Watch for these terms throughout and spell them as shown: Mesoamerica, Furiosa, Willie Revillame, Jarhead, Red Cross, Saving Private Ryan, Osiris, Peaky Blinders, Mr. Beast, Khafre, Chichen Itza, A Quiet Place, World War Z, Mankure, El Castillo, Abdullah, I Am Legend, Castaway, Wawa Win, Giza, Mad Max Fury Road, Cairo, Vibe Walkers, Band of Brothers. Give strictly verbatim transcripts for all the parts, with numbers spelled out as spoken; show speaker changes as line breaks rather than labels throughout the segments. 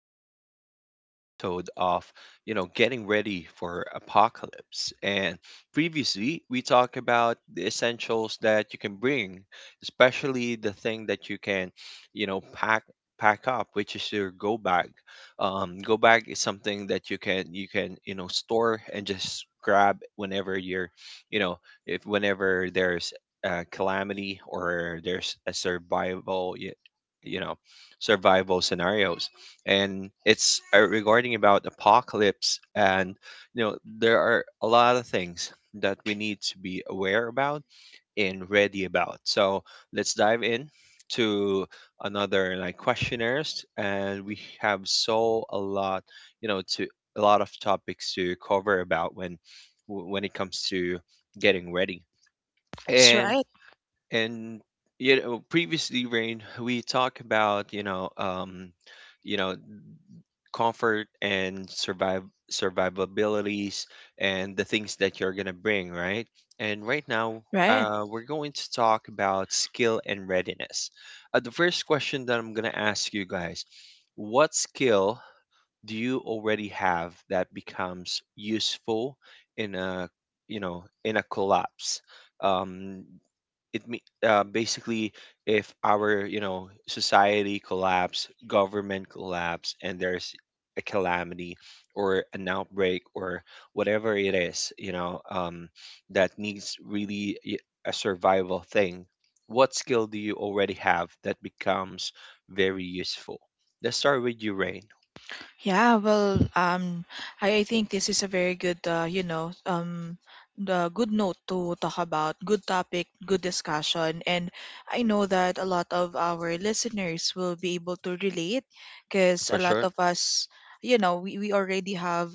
with another episode of, you know, getting ready for apocalypse. And previously, we talked about the essentials that you can bring, especially the thing that you can, you know, pack pack up, which is your go bag. Um, go bag is something that you can you can you know store and just grab whenever you're, you know, if whenever there's a calamity or there's a survival you know survival scenarios, and it's uh, regarding about apocalypse. And you know there are a lot of things that we need to be aware about and ready about, so let's dive in to another like questionnaires, and we have so a lot, you know to a lot of topics to cover about when when it comes to getting ready.
That's right,
And you know previously, Rain, we talked about you know um you know comfort and survive survivabilities and the things that you're gonna bring, right? And right now
right.
uh, we're going to talk about skill and readiness. Uh, the first question that I'm gonna ask you guys: what skill do you already have that becomes useful in a you know in a collapse? um it me- uh, Basically, if our you know society collapse, government collapse, and there's a calamity or an outbreak or whatever it is, you know um, that needs really y- a survival thing, what skill do you already have that becomes very useful? Let's start with you, Rain.
Yeah, well, um, I, I think this is a very good, uh, you know, um, the good note to talk about, good topic, good discussion, and I know that a lot of our listeners will be able to relate, because
For
a lot
sure.
of us, you know, we, we already have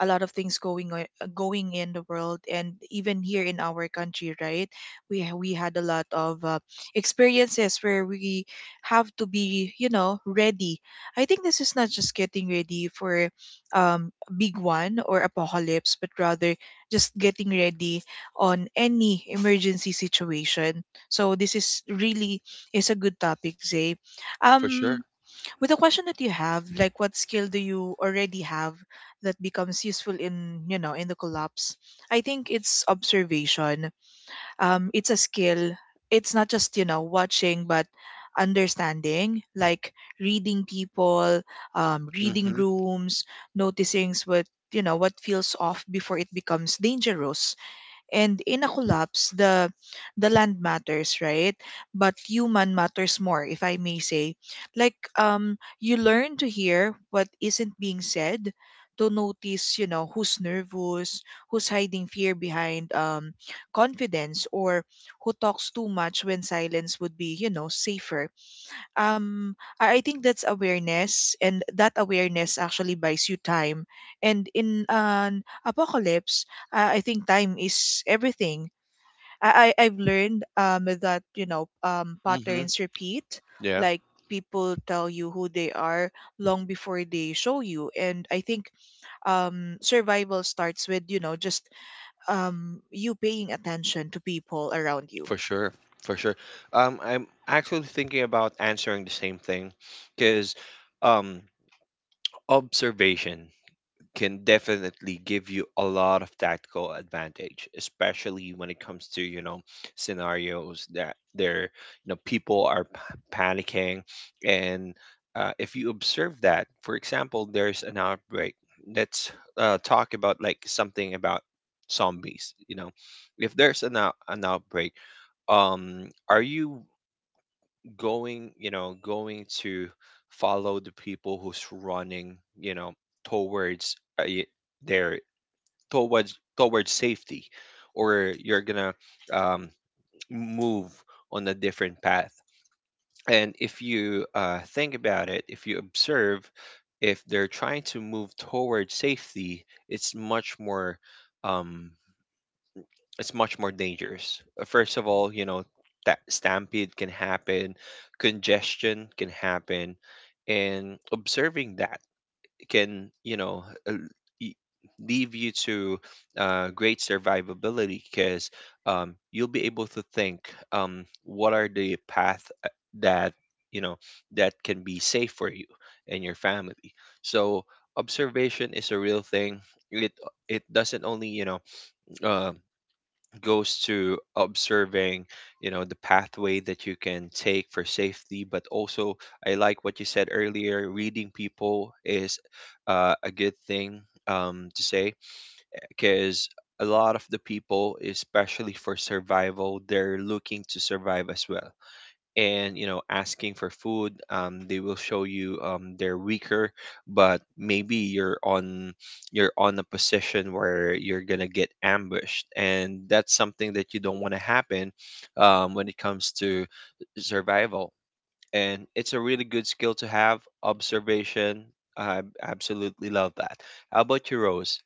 a lot of things going on, uh, going in the world, and even here in our country, right? We ha- we had a lot of uh, experiences where we have to be, you know, ready. I think this is not just getting ready for um, a big one or apocalypse, but rather just getting ready on any emergency situation. So this is really is a good topic, Zay.
For
Um,
sure.
with the question that you have, like what skill do you already have that becomes useful in, you know, in the collapse? I think it's observation, um, it's a skill. It's not just, you know, watching, but understanding, like reading people, um, reading
Mm-hmm.
rooms, noticing what, you know, what feels off before it becomes dangerous. And in a collapse, the the land matters, right, but human matters more, if I may say. Like, um, you learn to hear what isn't being said, to notice, you know, who's nervous, who's hiding fear behind, um, confidence, or who talks too much when silence would be, you know, safer. Um I I think that's awareness, and that awareness actually buys you time. And in an apocalypse, uh, I think time is everything. I, I I've learned, um, that, you know, um,
Mm-hmm.
patterns repeat,
Yeah.
like people tell you who they are long before they show you. And I think, um, survival starts with, you know, just, um, you paying attention to people around you.
For sure, for sure. Um, I'm actually thinking about answering the same thing, because um, observation can definitely give you a lot of tactical advantage, especially when it comes to you know scenarios that there you know people are p- panicking. And uh, if you observe that, for example, there's an outbreak. Let's uh, talk about like something about zombies. You know, if there's an out- an outbreak, um are you going you know going to follow the people who's running you know towards uh, y- their towards towards safety, or you're gonna um move on a different path? And if you uh, think about it, if you observe, if they're trying to move towards safety, it's much more um it's much more dangerous. Uh, First of all, you know, that stampede can happen, congestion can happen, and observing that can, you know, uh, y- leave you to uh, great survivability, because um, you'll be able to think um, what are the path uh, that you know that can be safe for you and your family. So observation is a real thing. It it doesn't only you know. Uh, Goes to observing you know the pathway that you can take for safety, but also I like what you said earlier, reading people is uh, a good thing um, to say, because a lot of the people, especially for survival, they're looking to survive as well, and you know asking for food, um, they will show you um, they're weaker, but maybe you're on you're on a position where you're gonna get ambushed, and that's something that you don't want to happen um, when it comes to survival. And it's a really good skill to have, observation. I absolutely love that. How about you, Rose?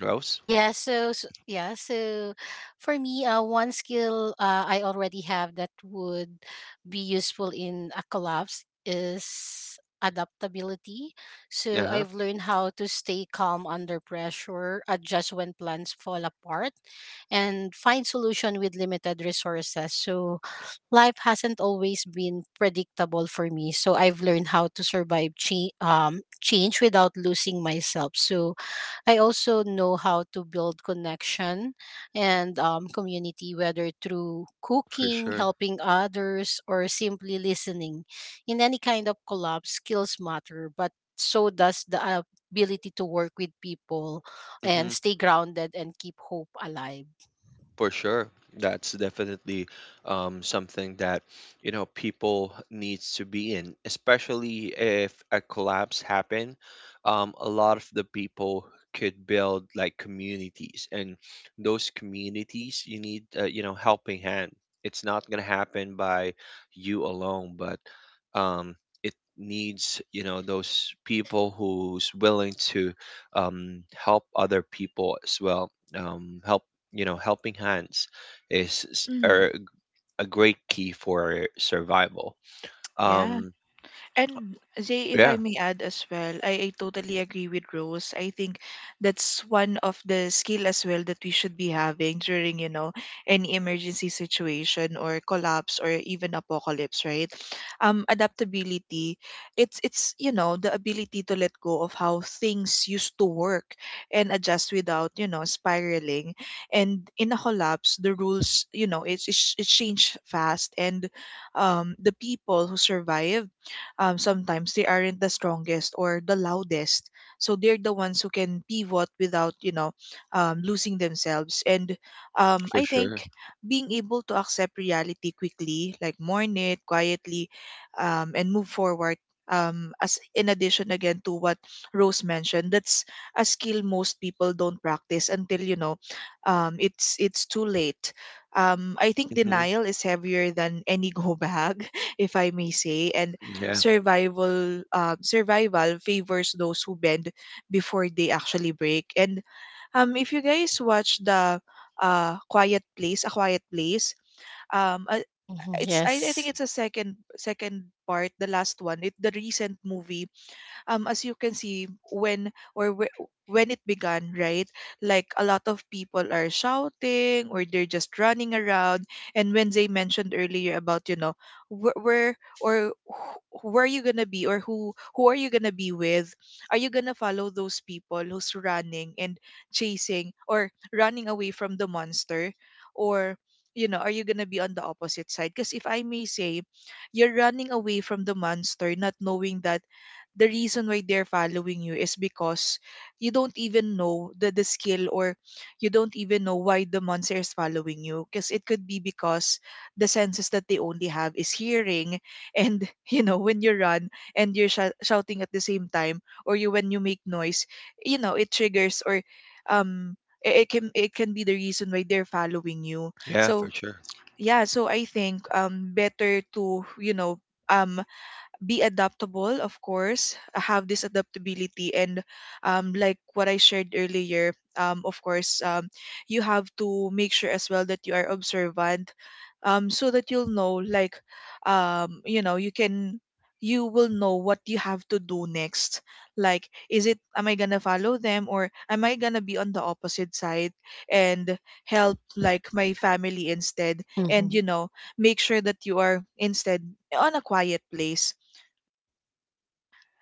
Rose?
Yeah, so, so yeah, so for me, uh, one skill uh, I already have that would be useful in a collapse is adaptability. So
Uh-huh.
I've learned how to stay calm under pressure, adjust when plans fall apart, and find solution with limited resources. So life hasn't always been predictable for me, so I've learned how to survive cha- um, change without losing myself. So I also know how to build connection and um, community, whether through
For
cooking,
sure.
helping others, or simply listening. In any kind of collab, skills matter, but so does the ability to work with people and stay grounded and keep hope alive.
For sure. That's definitely um, something that, you know, people needs to be in, especially if a collapse happen. Um, a lot of the people could build like communities, and those communities you need, uh, you know, helping hand. It's not gonna happen by you alone, but um, it needs, you know, those people who's willing to um, help other people as well. Um, help you know helping hands is s-
Mhm.
are a great key for survival.
Yeah.
um
And Zay, if I
yeah.
may add as well, I, I totally agree with Rose. I think that's one of the skill as well that we should be having during, you know, any emergency situation or collapse or even apocalypse, right? Um, adaptability. It's it's you know the ability to let go of how things used to work and adjust without, you know, spiraling. And in a collapse, the rules, you know, it's it's it change fast, and, um, the people who survive, um, sometimes they aren't the strongest or the loudest. So they're the ones who can pivot without, you know, um, losing themselves. And, um,
For
I
sure.
think being able to accept reality quickly, like mourn it quietly, um, and move forward. Um, as in addition again to what Rose mentioned, that's a skill most people don't practice until, you know, um, it's it's too late. Um, I think
Hmm.
denial is heavier than any go bag, if I may say, and
Yeah.
survival, um, survival favors those who bend before they actually break. And, um, if you guys watch the, uh Quiet Place, A Quiet Place, um uh,
Mhm,
it's, I, I think
yes.
it's a second second part, the last one, it the recent movie, um, as you can see, when or whe- when it began, right, like a lot of people are shouting or they're just running around. And when they mentioned earlier about, you know, where, where or wh- where are you gonna be, or who who are you gonna be with, are you gonna follow those people who's running and chasing or running away from the monster, or, you know, are you gonna be on the opposite side? Because if I may say, you're running away from the monster, not knowing that the reason why they're following you is because you don't even know the, the skill, or you don't even know why the monster is following you, because it could be because the senses that they only have is hearing. And you know, when you run and you're shou- shouting at the same time, or you when you make noise, you know, it triggers, or, um, it, it can it can be the reason why they're following you.
Yeah,
So
for sure.
yeah, so I think, um, better to, you know, um, be adaptable, of course, have this adaptability. And, um, like what I shared earlier, um, of course, um, you have to make sure as well that you are observant, um, so that you'll know, like, um, you know, you can, you will know what you have to do next, like, is it, am I gonna follow them or am I gonna be on the opposite side, and help like my family instead. And
Hmm.
you know, make sure that you are instead on a quiet place.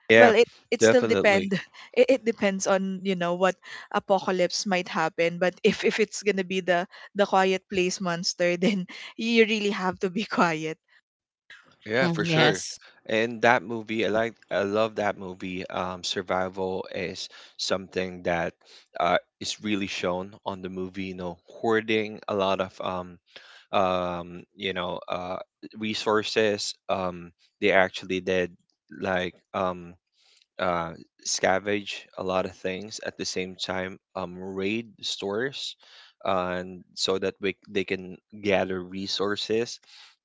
Yeah,
Well, it it still
definitely.
depend, it, it depends on, you know, what apocalypse might happen. But if if it's gonna be the the quiet place monster, then you really have to be quiet.
Yeah,
Hmm,
for sure.
yes.
And that movie, I like, I love that movie. Um survival is something that uh is really shown on the movie, you know, hoarding a lot of um um you know uh resources. Um they actually did like um uh, scavenge a lot of things at the same time, um, raid stores, uh, and so that we, they can gather resources.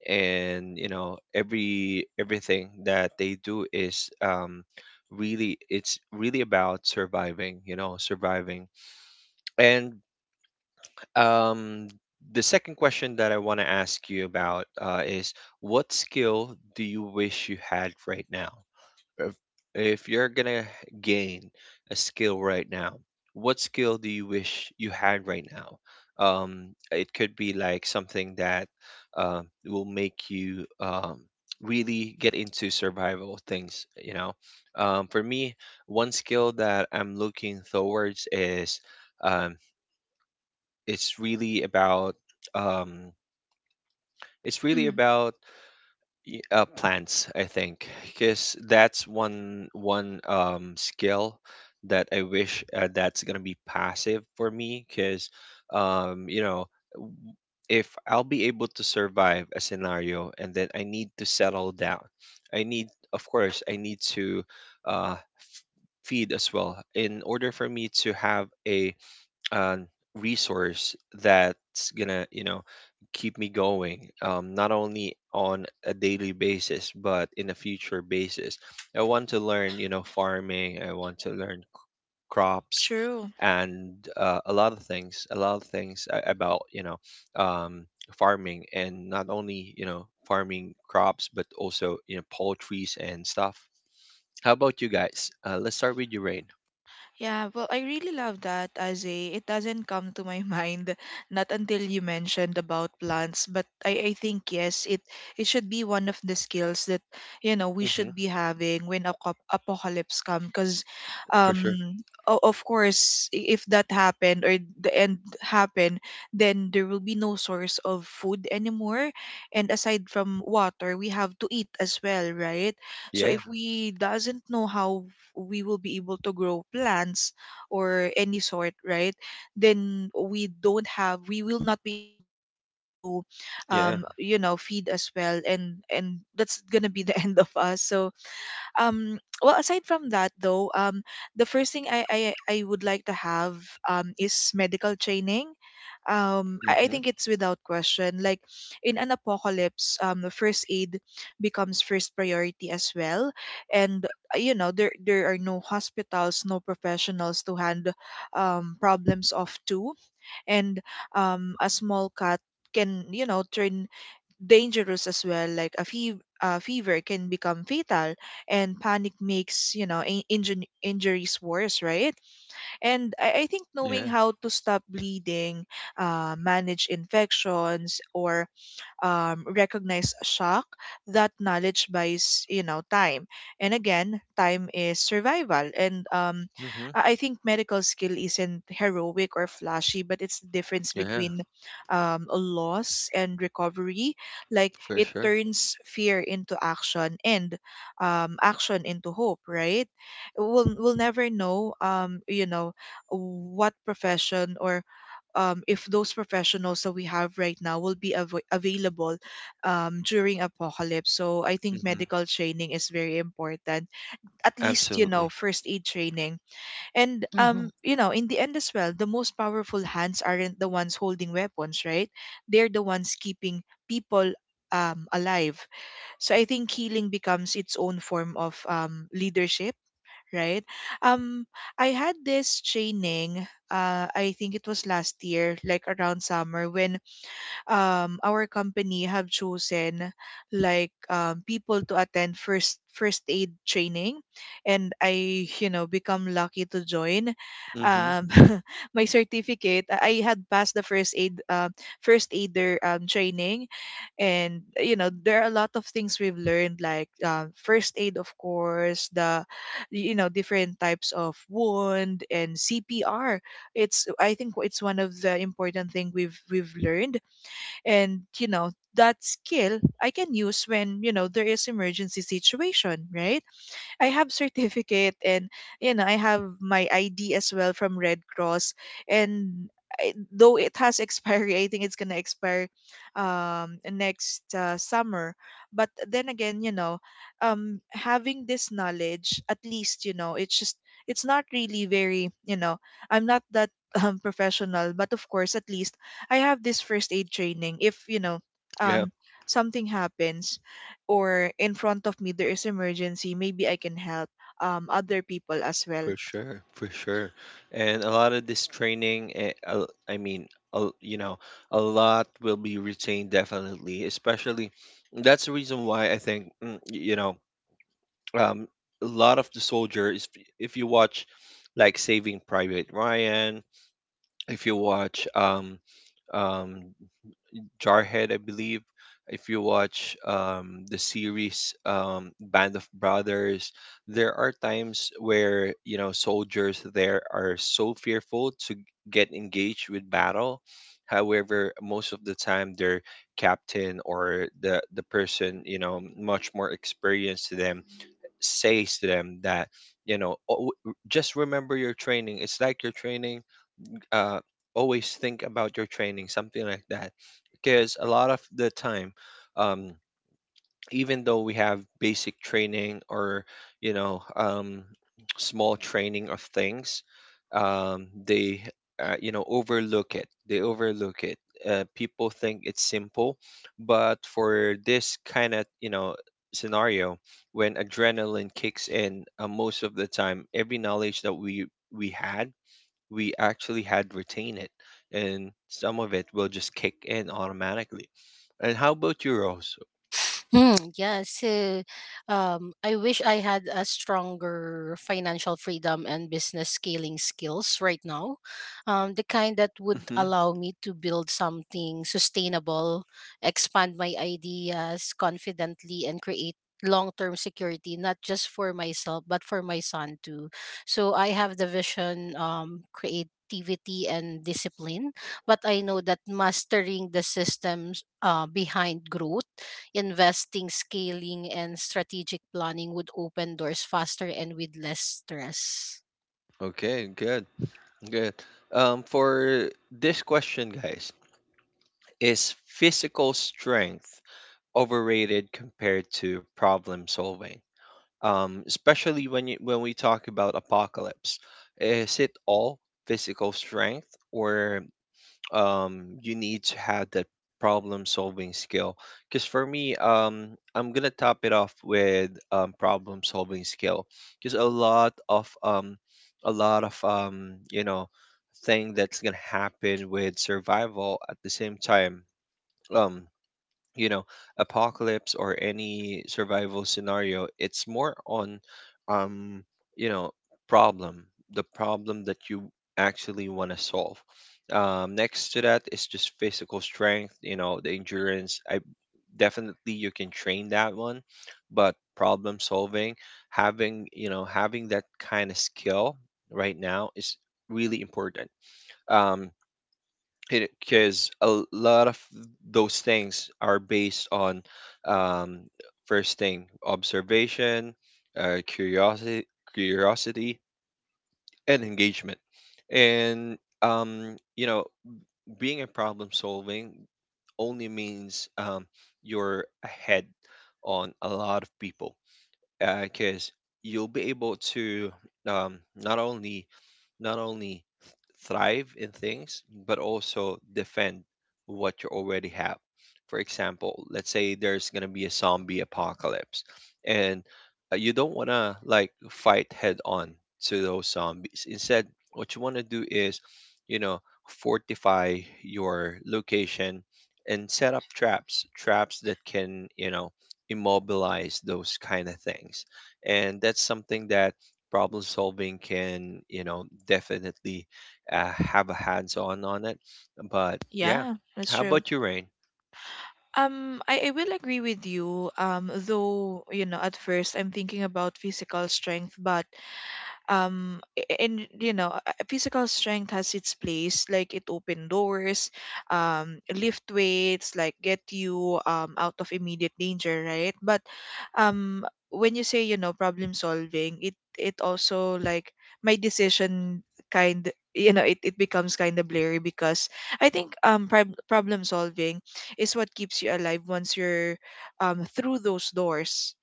And you know every everything that they do is um, really it's really about surviving, you know, surviving. And um, the second question that I want to ask you about uh, is what skill do you wish you had right now? If, if you're gonna gain a skill right now, what skill do you wish you had right now? Um, it could be like something that um, will make you um, really get into survival things, you know. Um, for me, one skill that I'm looking towards is um, it's really about um, it's really
Mhm.
about uh, plants, I think, because that's one one um, skill that I wish uh, that's going to be passive for me, because um, you know if I'll be able to survive a scenario and then I need to settle down, I need, of course I need to uh, f- feed as well in order for me to have a um, resource that's gonna you know keep me going um, not only on a daily basis but in a future basis. I want to learn you know farming, I want to learn crops
True.
and uh, a lot of things, a lot of things a- about you know um, farming, and not only you know farming crops but also you know poultries and stuff. How about you guys? Uh, let's start with you, Rain.
Yeah, well, I really love that, Aze. It doesn't come to my mind, not until you mentioned about plants. But I, I think yes, it it should be one of the skills that, you know, we
Hmm.
should be having when a cop- apocalypse come, because,
For sure.
um. o- Of course, i- if that happened or the end happened, then there will be no source of food anymore. And aside from water, we have to eat as well, right? So
Yeah.
if we doesn't know how we will be able to grow plants or any sort, right? Then we don't have, we will not be able to find ways to,
Yeah.
um, you know, feed as well, and and that's gonna be the end of us. So, um, well, aside from that though, um, the first thing i i, I would like to have, um, is medical training. um
Hmm.
I, I think it's without question, like in an apocalypse, um, the first aid becomes first priority as well. And, uh, you know, there there are no hospitals, no professionals to hand, um, problems off to. And, um, a small cut can, you know, turn dangerous as well, like a fev- uh, fever can become fatal, and panic makes, you know, in- injun injuries worse, right? And I-, I think
Yeah.
knowing how to stop bleeding, uh, manage infections, or, um, recognize shock, that knowledge buys, you know, time. And again, time is survival. And, um,
Mm-hmm.
i I think medical skill isn't heroic or flashy, but it's the difference
Yeah,
between, um, a loss and recovery. Like,
for
it
sure.
turns fear into action, and, um, action into hope, right? We'll, we'll never know, um, you know, what profession or, um, if those professionals that we have right now will be av- available, um, during apocalypse. So I think
Mm-hmm.
medical training is very important. At least, you know,
Absolutely.
first aid training. And, um, you know, in the end as well, the most powerful hands aren't the ones holding weapons, right? They're the ones keeping people, um, alive. So I think healing becomes its own form of, um, leadership, right? Um, I had this training. Uh, I think it was last year, like around summer, when, um, our company have chosen, like, um, people to attend first first aid training, and I you know become lucky to join.
Mm-hmm.
Um, my certificate, i I had passed the first aid, uh, first aider, um, training. And you know, there are a lot of things we've learned, like, um, first aid, of course, the, you know, different types of wound and CPR. It's, I think it's one of the important thing we've we've learned. And you know, that skill I can use when, you know, there is emergency situation, right? I have certificate, and you know, I have my I D as well from Red Cross. And I, though it has expiry, I think it's gonna expire um, next, uh, summer. But then again, you know, um, having this knowledge, at least, you know, it's just, it's not really very, you know, I'm not that um, professional, but of course, at least I have this first aid training. If you know,
Yeah,
um, something happens or in front of me there is emergency, maybe I can help, um, other people as well.
for sure, for sure. And a lot of this training, eh, uh, I mean, a- you know, a lot will be retained definitely, especially that's the reason why I think, mm, y- you know, um, a lot of the soldier is, if you watch like Saving Private Ryan, if you watch um, um, Jarhead, I believe. If you watch um, the series um, Band of Brothers, there are times where you know soldiers there are so fearful to get engaged with battle. However, most of the time their captain or the the person you know much more experienced to them says to them that you know, "Oh, w- just remember your training. It's like your training, uh, always think about your training," something like that. Because a lot of the time, um, even though we have basic training or, you know, um, small training of things, um, they, uh, you know, overlook it. They overlook it. Uh, people think it's simple, but for this kind of, you know, scenario, when adrenaline kicks in, uh, most of the time, every knowledge that we we had, we actually had retain it, and some of it will just kick in automatically. And how about you, Rose?
Hmm, yes. So, um, I wish I had a stronger financial freedom and business scaling skills right now, um, the kind that would
Hmm.
allow me to build something sustainable, expand my ideas confidently, and create long-term security, not just for myself but for my son too. So I have the vision, um, creativity, and discipline, but I know that mastering the systems uh, behind growth, investing, scaling, and strategic planning would open doors faster and with less stress.
Okay, good, good. Um, for this question, guys, is physical strength overrated compared to problem solving? Um, especially when you, when we talk about apocalypse, is it all physical strength, or um, you need to have that problem solving skill? Because for me, um, I'm gonna top it off with um, problem solving skill. Because a lot of um, a lot of um, you know, thing that's gonna happen with survival at the same time. Um, you know apocalypse or any survival scenario, it's more on um you know problem the problem that you actually want to solve. Um, next to that is just physical strength, you know, the endurance. I, definitely you can train that one, but problem solving, having you know having that kind of skill right now is really important, um, because a lot of those things are based on, um, first thing, observation, uh, curiosity curiosity and engagement. And um, you know being a problem solving only means um, you're ahead on a lot of people, because you'll be able to um, not only not only th- thrive in things but also defend what you already have. For example, let's say there's going to be a zombie apocalypse, and uh, you don't want to like fight head on to those zombies. Instead, what you want to do is you know fortify your location and set up traps, traps that can you know immobilize those kind of things. And that's something that problem solving can you know definitely uh, have a hands on on it. But yeah,
Yeah, that's
how
true.
about you, Rain?
Um I, I will agree with you, um, though, you know, at first I'm thinking about physical strength. But, um, a- and you know, uh, physical strength has its place, like it open doors, um, lift weights, like get you, um, out of immediate danger, right? But, um, when you say, you know, problem solving, it it also like my decision kind, you know, it, it becomes kind of blurry. Because I think, um, prob- problem solving is what keeps you alive once you're, um, through those doors.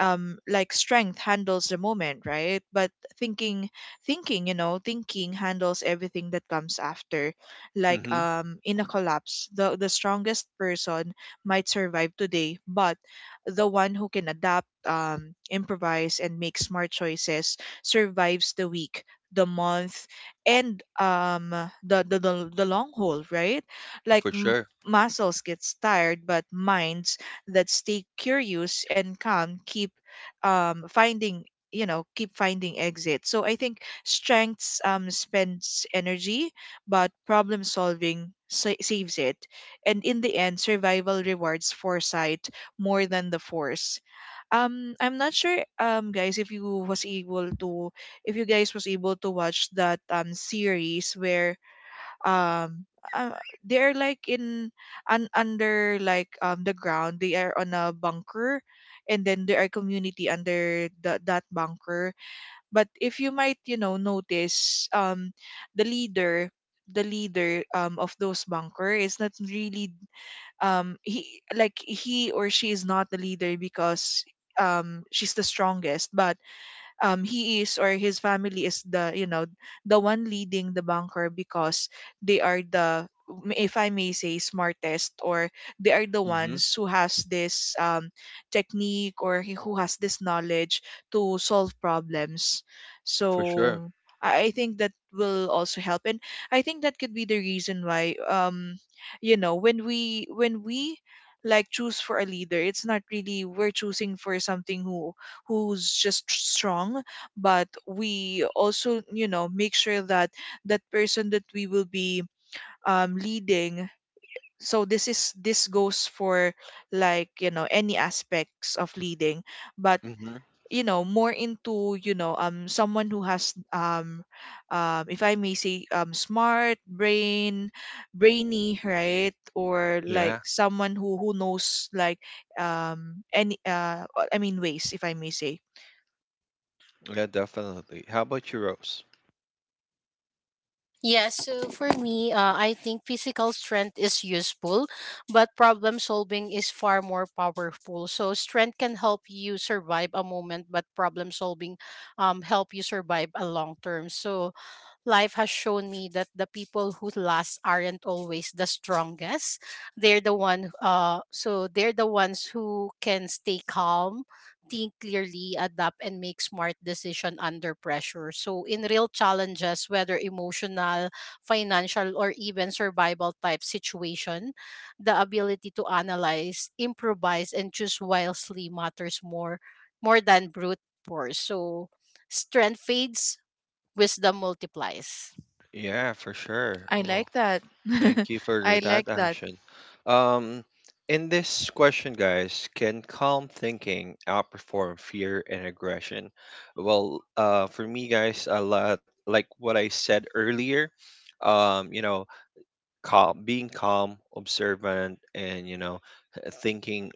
Um, like strength handles the moment, right, but thinking, thinking you know, thinking handles everything that comes after. Like,
Mm-hmm.
um, in a collapse, the the strongest person might survive today, but the one who can adapt, um, improvise, and make smart choices survives the week, the month, and, um, the the the, the long haul, right? Like
For
m-
sure.
Muscles gets tired, but minds that stay curious and calm keep um, finding, you know keep finding exits. So I think strengths um, spends energy, but problem solving sa- saves it. And in the end, survival rewards foresight more than the force. um I'm not sure, um guys, if you was able to if you guys was able to watch that um series where um uh, they're like in un, under, like, um the ground. They are on a bunker, and then there are community under the, that bunker. But if you might, you know, notice, um the leader the leader um of those bunker is not really, um he like, he or she is not the leader because, um she's the strongest. But um he is, or his family is the, you know, the one leading the banker because they are the, if I may say, smartest, or they are the
Mm-hmm.
ones who has this um, technique, or he- who has this knowledge to solve problems.
For sure.
So I I think that will also help, and I think that could be the reason why, um, you know, when we when we like choose for a leader, it's not really we're choosing for something who who's just strong. But we also, you know, make sure that that person that we will be um, leading. So this is this goes for, like, you know, any aspects of leading. But
Mm-hmm.
you know more into, you know, um someone who has um um if I may say, um smart brain, brainy, right? Or like
Yeah.
someone who who knows, like, um any uh I mean, ways, if I may say.
Yeah, definitely. How about you, Rose?
Yeah, so for me, uh, I think physical strength is useful, but problem solving is far more powerful. So strength can help you survive a moment, but problem solving um help you survive a long term. So life has shown me that the people who last aren't always the strongest. They're the one uh so they're the ones who can stay calm, think clearly, adapt, and make smart decision under pressure. So in real challenges, whether emotional, financial, or even survival type situation, the ability to analyze, improvise, and choose wisely matters more more than brute force. So strength fades, wisdom multiplies.
Yeah, for sure.
I
Well,
like that.
thank you for
I
that,
like that.
Anshin. Um, in this question, guys, can calm thinking outperform fear and aggression? Well, uh, for me, guys, a lot like what I said earlier. Um, you know, calm, being calm, observant, and you know, thinking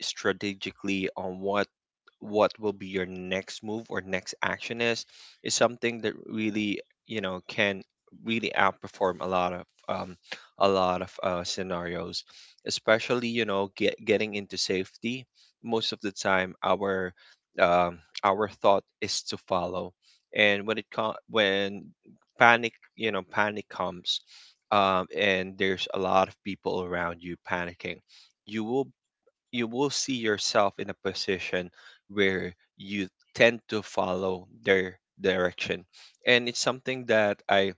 strategically on what what will be your next move or next action is is something that really you know can really outperform a lot of um, a lot of uh, scenarios, especially you know get, getting into safety. Most of the time our um, our thought is to follow, and when it co- when panic, you know panic comes, um, and there's a lot of people around you panicking. You will, you will see yourself in a position where you tend to follow their direction, and it's something that i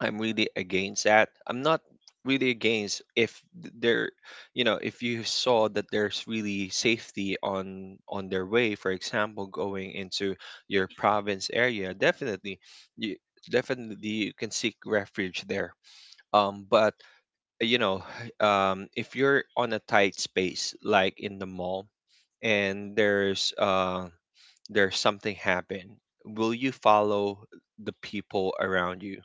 i'm really against that. I'm not really against if th- there, you know, if you saw that there's really safety on on their way, for example going into your province area. Definitely you, definitely you can seek refuge there. Um, but you know um if you're on a tight space like in the mall, and there's uh there's something happen, will you follow the people around you,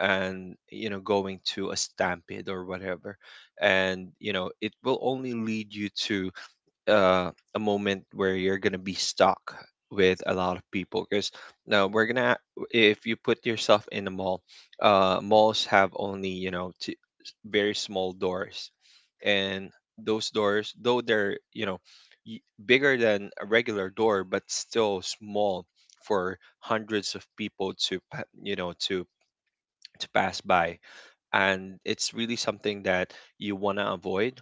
and you know, going to a stampede or whatever, and you know it will only lead you to uh, a moment where you're gonna be stuck with a lot of people because now we're gonna, if you put yourself in a mall, uh, malls have only you know two very small doors. And those doors, though they're you know, y- bigger than a regular door but still small for hundreds of people to pa- you know to to pass by, and it's really something that you want to avoid.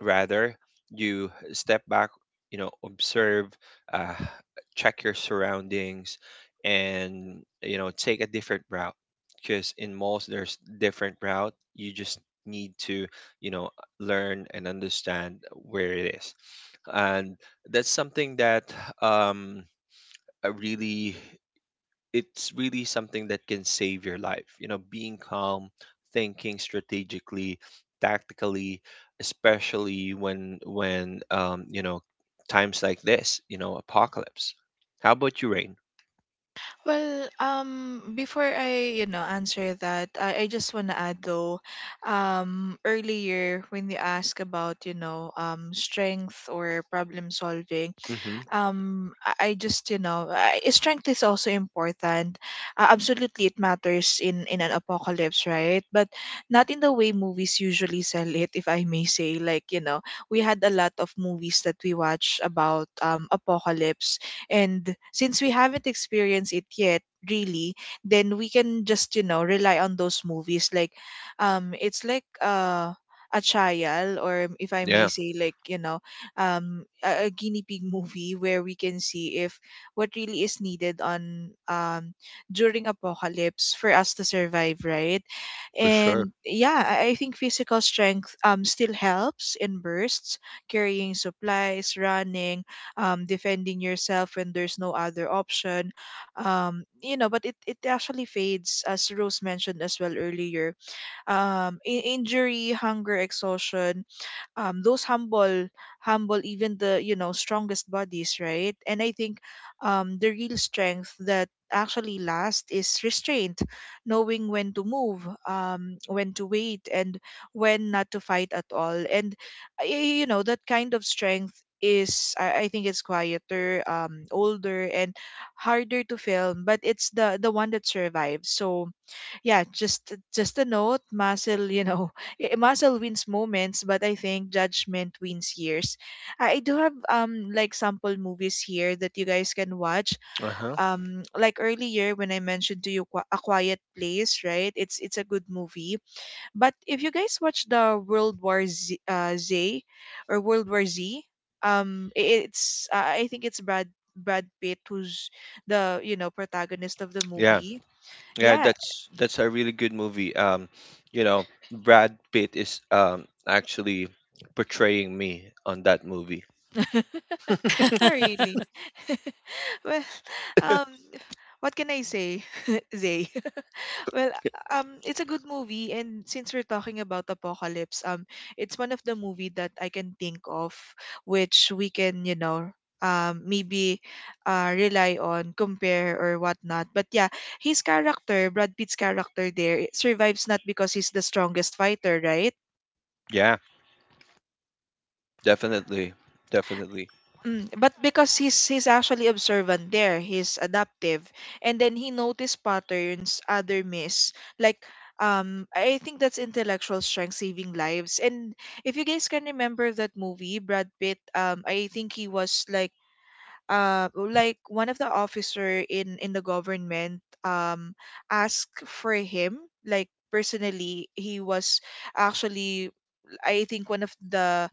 Rather, you step back, you know, observe, uh, check your surroundings, and you know, take a different route, because in malls there's different route. You just need to you know learn and understand where it is. And that's something that um uh, really, it's really something that can save your life. You know, being calm, thinking strategically, tactically, especially when when um, you know, times like this, you know, apocalypse. How about you, Rain?
Well, um, before I, you know, answer that, I, I just want to add though, um, earlier when you ask about, you know, um, strength or problem solving,
Mm-hmm.
um I, I just, you know, I, strength is also important. Uh, absolutely, it matters in in an apocalypse, right? But not in the way movies usually sell it, if I may say, like, you know, we had a lot of movies that we watch about um apocalypse. And since we haven't experienced it yet, really, then we can just, you know, rely on those movies, like um it's like, uh a trial, or if I may
Yeah,
say, like, you know, um a, a guinea pig movie where we can see if what really is needed on um during apocalypse for us to survive, right?
for sure.
And yeah, i I think physical strength um still helps in bursts: carrying supplies, running, um defending yourself when there's no other option. Um you know, but it, it actually fades, as Rose mentioned as well earlier. Um in- injury, hunger, exhaustion, um, those humble humble even the, you know, strongest bodies, right? And I think, um, the real strength that actually lasts is restraint, knowing when to move, um, when to wait, and when not to fight at all. And uh, y- you know, that kind of strength is, I, I think, it's quieter, um older and harder to film, but it's the the one that survives. So yeah, just just a note, muscle, you know, i- muscle wins moments, but I think judgment wins years. I I do have, um like, sample movies here that you guys can watch.
Uh-huh.
Um, like earlier when I mentioned to you Qui- A Quiet Place, right? It's it's a good movie. But if you guys watch the World War Z, uh, Z or World War Z, um, i- it's, uh, I think it's Brad Brad Pitt who's the, you know, protagonist of the
Yeah,
movie.
yeah.
Yeah,
That's that's a really good movie. Um, you know, Brad Pitt is um actually portraying me on that movie.
Not really. Well, um, what can I say, Zay? Well, um, it's a good movie, and since we're talking about apocalypse, um, it's one of the movie that I can think of, which we can, you know, um, maybe, uh, rely on, compare or whatnot. But yeah, his character, Brad Pitt's character there, it survives not because he's the strongest fighter, right?
Yeah, definitely, definitely.
Mm, but because he's he's actually observant there, he's adaptive, and then he noticed patterns other miss. Like, um, I think that's intellectual strength saving lives. And if you guys can remember that movie, Brad Pitt, um, I think he was, like, uh like, one of the officer in in the government, um asked for him, like, personally. He was actually, I think, one of the,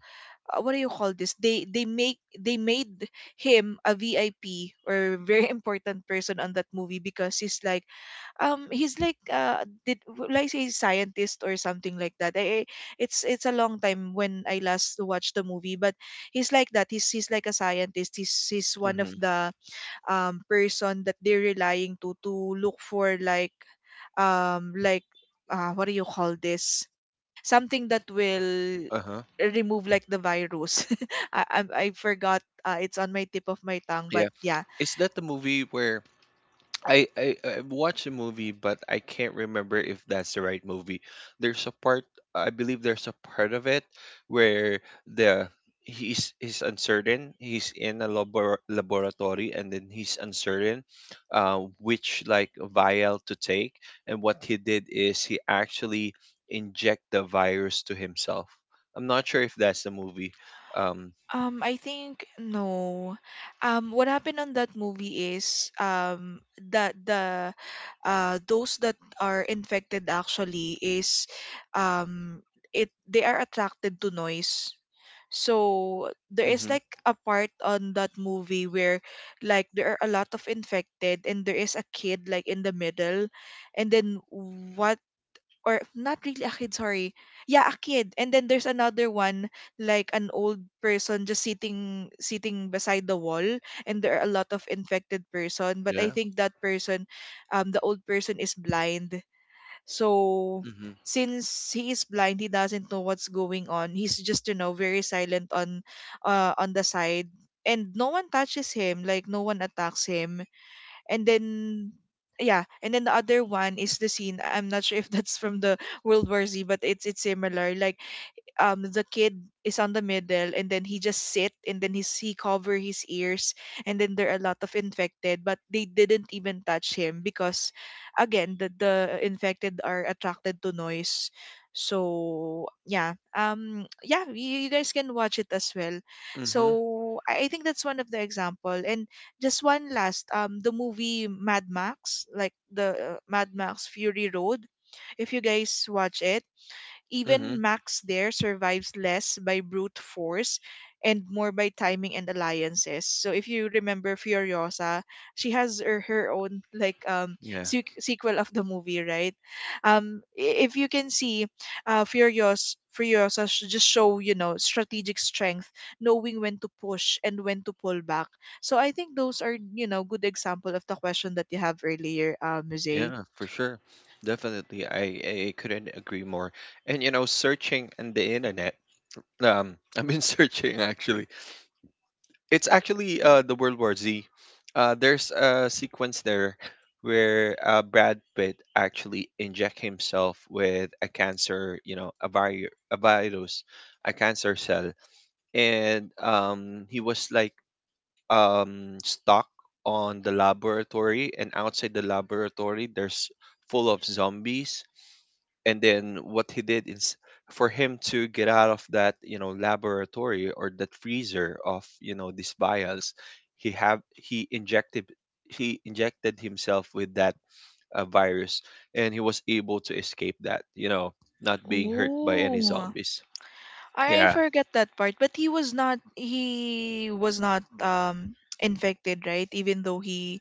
uh, what do you call this, they they make they made him a VIP or, very important person on that movie because he's like um he's like uh did, like, say, scientist or something like that. I, I- it's it's a long time when I last watched the movie, but he's like that, he's he's like a scientist. He's he's one of
Mm-hmm.
the um person that they're relying to to look for, like, um like, uh, what do you call this, something that will
Uh-huh.
remove, like, the virus. I, I I forgot. Uh, it's on my tip of my tongue, but
Yeah.
yeah,
Is that the movie where I, I I watched a movie, but I can't remember if that's the right movie. There's a part, I believe there's a part of it where the he's he's uncertain. He's in a labor laboratory, and then he's uncertain, uh, which like vial to take. And what he did is he actually inject the virus to himself. I'm not sure if that's the movie. Um.
Um, I think no. Um, what happened on that movie is, um that the, uh those that are infected actually is, um it they are attracted to noise. So there is,
Hmm.
like, a part on that movie where, like, there are a lot of infected, and there is a kid, like, in the middle, and then what, or not really a kid, sorry. Yeah, a kid. And then there's another one, like, an old person just sitting sitting beside the wall, and there are a lot of infected person, but I
Yeah.
think that person, um the old person, is blind. So
Hmm.
since he is blind, he doesn't know what's going on. He's just, you know, very silent on, uh on the side, and no one touches him, like, no one attacks him. And then, yeah, and then the other one is the scene. I'm not sure if that's from the World War Z, but it's it's similar. Like, um the kid is on the middle, and then he just sit, and then he he cover his ears, and then there are a lot of infected, but they didn't even touch him because, again, the, the infected are attracted to noise. So yeah, um yeah, you, you guys can watch it as well.
Hmm.
So I, I think that's one of the example, and just one last, um the movie Mad Max, like the, uh, Mad Max Fury Road, if you guys watch it,
Hmm.
even Max there survives less by brute force and more by timing and alliances. So if you remember Furiosa, she has her, her own, like, um
Yeah,
sequ- sequel of the movie, right? Um i- if you can see, uh Furios Furiosa sh- just show, you know, strategic strength, knowing when to push and when to pull back. So I think those are, you know, good example of the question that you have earlier, uh, Musée.
yeah, for sure. Definitely. I, I couldn't agree more. And you know, searching in the internet, um, I've been searching actually. It's actually uh the World War Z. Uh there's a sequence there where uh Brad Pitt actually inject himself with a cancer, you know, a vi a virus, a cancer cell. And um he was like um, stuck on the laboratory, and outside the laboratory, there's full of zombies. And then what he did is for him to get out of that, you know, laboratory or that freezer of, you know, these vials, he have he injected he injected himself with that uh, virus, and he was able to escape that, you know, not being hurt by any
Ooh.
zombies.
I
Yeah,
forget that part, but he was not he was not um infected, right? Even though he,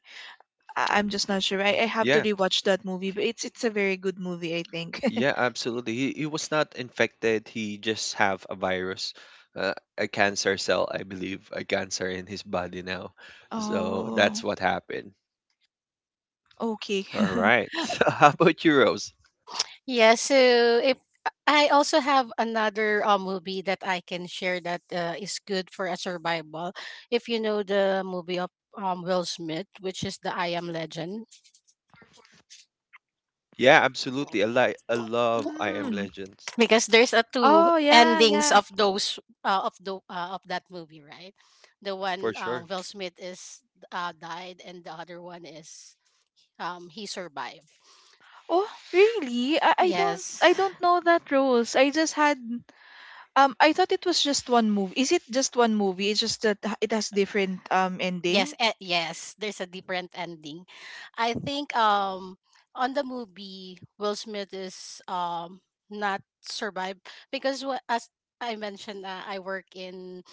I- I'm just not sure. I, I have to
yeah.
rewatch that movie, but it's it's a very good movie, I think.
Yeah, absolutely. He, he was not infected. He just have a virus, uh, a cancer cell, I believe, a cancer in his body now. So that's
Oh,
what happened.
okay.
All right. So how about you, Rose?
Yeah, so if I also have another uh, movie that I can share that uh, is good for a survival. If you know the movie of um, Will Smith, which is the I Am Legend,
Yeah, absolutely. I like I love I Am
Mm.
Legends
because there's a two
Oh yeah, yeah.
endings of those uh, of the uh, of that movie, right? The
for
one, uh,
sure.
Will Smith is, uh, died, and the other one is, um, he survived.
Oh, really? I, I don't I
Yes.
don't know that, Rose. I just had, um I thought it was just one movie. Is it just one movie? It's just that h- it has different um
Yes,
ending.
eh, yes, there's a different ending. I think, um, on the movie Will Smith is, um, not survive because wha- as I mentioned, uh, I work in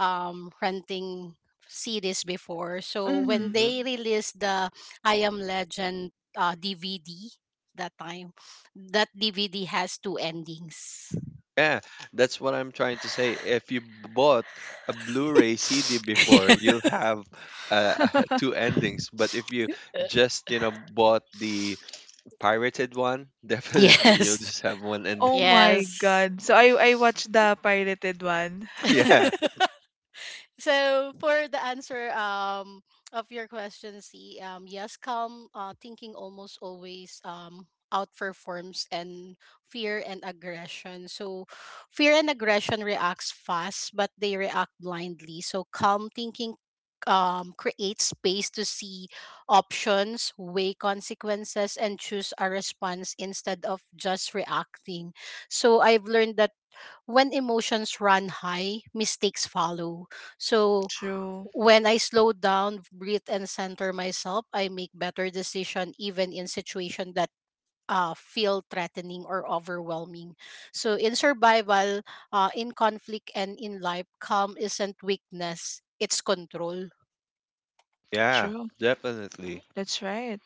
um renting series before. So when
Mm.
Mm-hmm.
they released the I Am Legend uh, D V D that time, that D V D has two endings.
Yeah, that's what I'm trying to say. If you bought a Blu-ray C D before, you'll have uh, two endings. But if you just, you know, bought the pirated one, definitely you'll
Yes.
just have one
Oh
ending.
my
Yes.
God. So I I watched the pirated one.
Yeah,
So for the answer, um, of your question C, um, yes, calm uh thinking almost always um outperforms and fear and aggression. So fear and aggression reacts fast, but they react blindly. So calm thinking, um, creates space to see options, weigh consequences, and choose a response instead of just reacting. So I've learned that when emotions run high, mistakes follow. So
True.
when I slow down, breathe, and center myself, I make better decision even in situation that uh, feel threatening or overwhelming. So in survival, uh, in conflict, and in life, calm isn't weakness; it's control.
yeah,
True.
definitely.
That's right.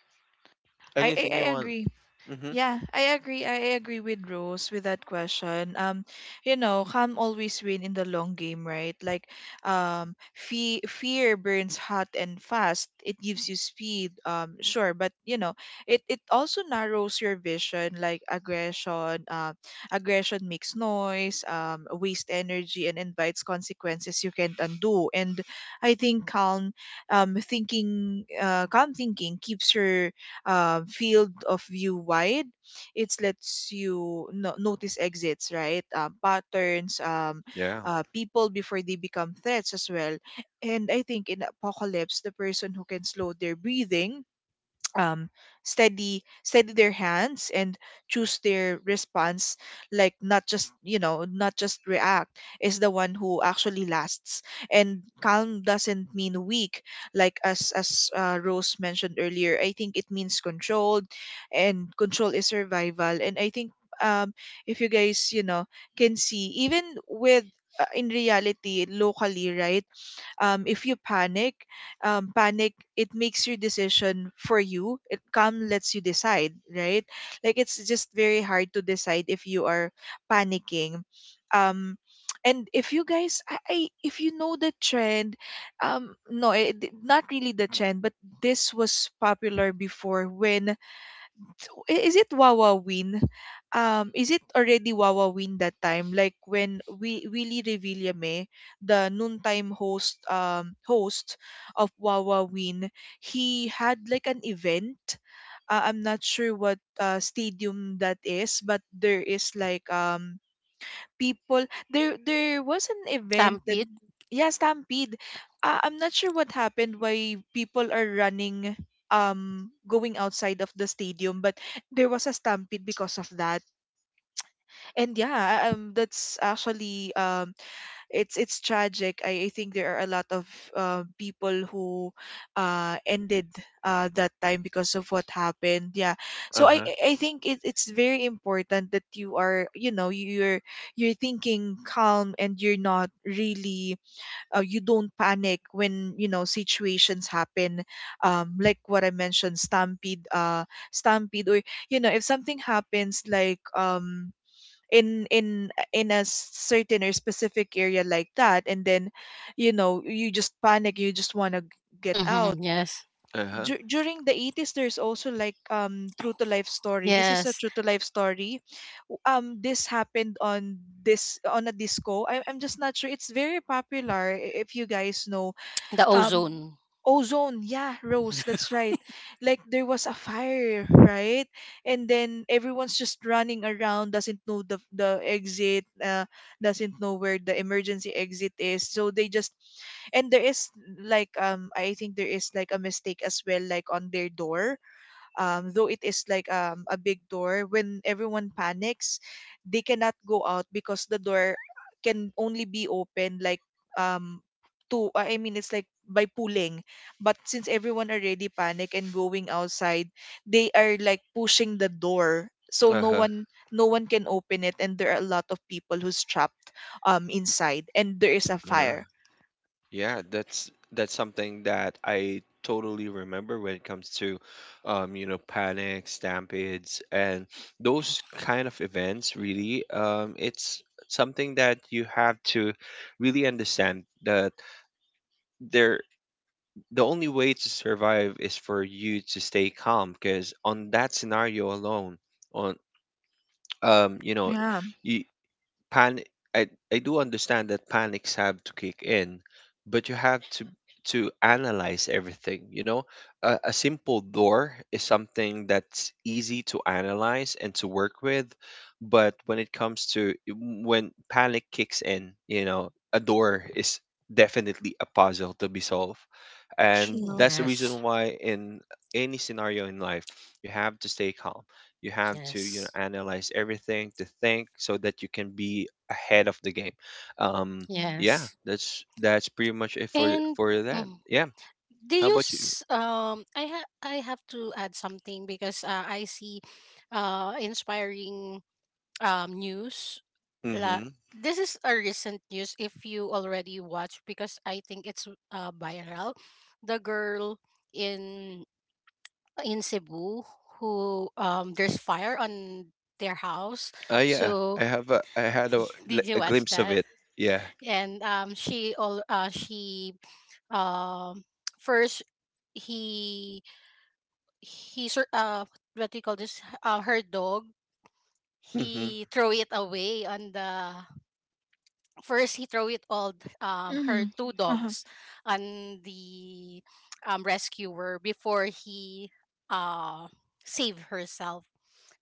I I,
Anything
I
you want.
agree.
Mm-hmm.
Yeah, I agree. I agree with Rose with that question. Um, you know, calm always win in the long game, right? Like, um, fe fear burns hot and fast. It gives you speed, um, sure, but, you know, it it also narrows your vision. Like aggression, uh, aggression makes noise, um, waste energy, and invites consequences you can't undo. And I think calm, um, thinking, uh, calm thinking keeps your um, field of view wide. It lets you no- notice exits, right? Um, patterns, um,
Yeah.
uh, people before they become threats as well. And I think in apocalypse, the person who can slow their breathing, um, steady steady their hands, and choose their response, like, not just, you know, not just react, is the one who actually lasts. And calm doesn't mean weak. Like, as as uh, Rose mentioned earlier, I think it means controlled. And control is survival. And I think, um if you guys, you know, can see even with, uh, in reality locally, right? Um, if you panic, um, panic, it makes your decision for you. It calm lets you decide, right? Like, it's just very hard to decide if you are panicking. um and if you guys, I, I if you know the trend, um no, it, not really the trend, but this was popular before, when, so, i- is it Wawa Win? Um, is it already Wawa Win that time? Like when we Willie Revillame, the noontime host, um, host of Wawa Win, he had like an event. Uh, I'm not sure what uh, stadium that is, but there is like um people. There there was an event that.
Stampede.
Yeah, stampede. uh, I'm not sure what happened, why people are running um going outside of the stadium, but there was a stampede because of that. And yeah, um that's actually, um it's it's tragic. I, I think there are a lot of uh, people who uh ended uh that time because of what happened. Yeah. so i
Uh-huh.
i I think it, it's very important that you are, you know, you're you're thinking calm, and you're not really, uh, you don't panic when, you know, situations happen. Um like what I mentioned, stampede uh stampede or you know, if something happens, like, um in in in a certain or specific area like that, and then you know, you just panic, you just want to get out.
Mm-hmm. Yes.
Uh-huh.
Dur- during the eighties there's also like um true to life story. This is a
Yes.
true to life story. W- um this happened on this, on a disco. I- I'm just not sure, it's very popular. I- if you guys know,
The
um
ozone.
ozone, yeah. Rose, that's right. Like there was a fire, right? And then everyone's just running around, doesn't know the the exit, uh, doesn't know where the emergency exit is, so they just. And there is, like, um I think there is like a mistake as well, like, on their door. Um, though it is like, um, a big door, when everyone panics they cannot go out because the door can only be opened, like, um to, I mean, it's like by pulling. But since everyone already panic and going outside, they are like pushing the door, so no
Uh-huh.
one no one can open it, and there are a lot of people who's trapped, um inside, and there is a
Uh-huh.
fire.
Yeah, that's that's something that I totally remember when it comes to, um, you know, panic, stampedes, and those kind of events. Really, um, it's something that you have to really understand that there the only way to survive is for you to stay calm because on that scenario alone, on um, you know,
Yeah,
you panic, I, I do understand that panics have to kick in, but you have to to analyze everything. You know, a, a simple door is something that's easy to analyze and to work with, but when it comes to, when panic kicks in, you know, a door is definitely a puzzle to be solved. And
true.
that's the
Yes.
reason why in any scenario in life you have to stay calm. You have to, you know,
Yes.
analyze everything to think so that you can be ahead of the game. Um, yeah,
Yes.
that's that's pretty much it for
And.
for that.
Mm,
Yeah.
they
How about you?
use um I ha- I have to add something because uh, I see uh inspiring um news la-
Mm-hmm.
this is a recent news if you already watched because I think it's uh viral. The girl in in Cebu who, um, there's fire on their house.
Uh, yeah,
So
I have a I had a,
did
li-
you
a
watch
glimpse of
that?
it. Yeah.
And um she all uh she, um, first, he he sur- uh what do you call this, uh, her dog,
Mm-hmm.
he throw it away on the, first he throw it all th- um, her
Mm.
two
Uh-huh.
dogs on the, um, rescuer before he, uh save herself.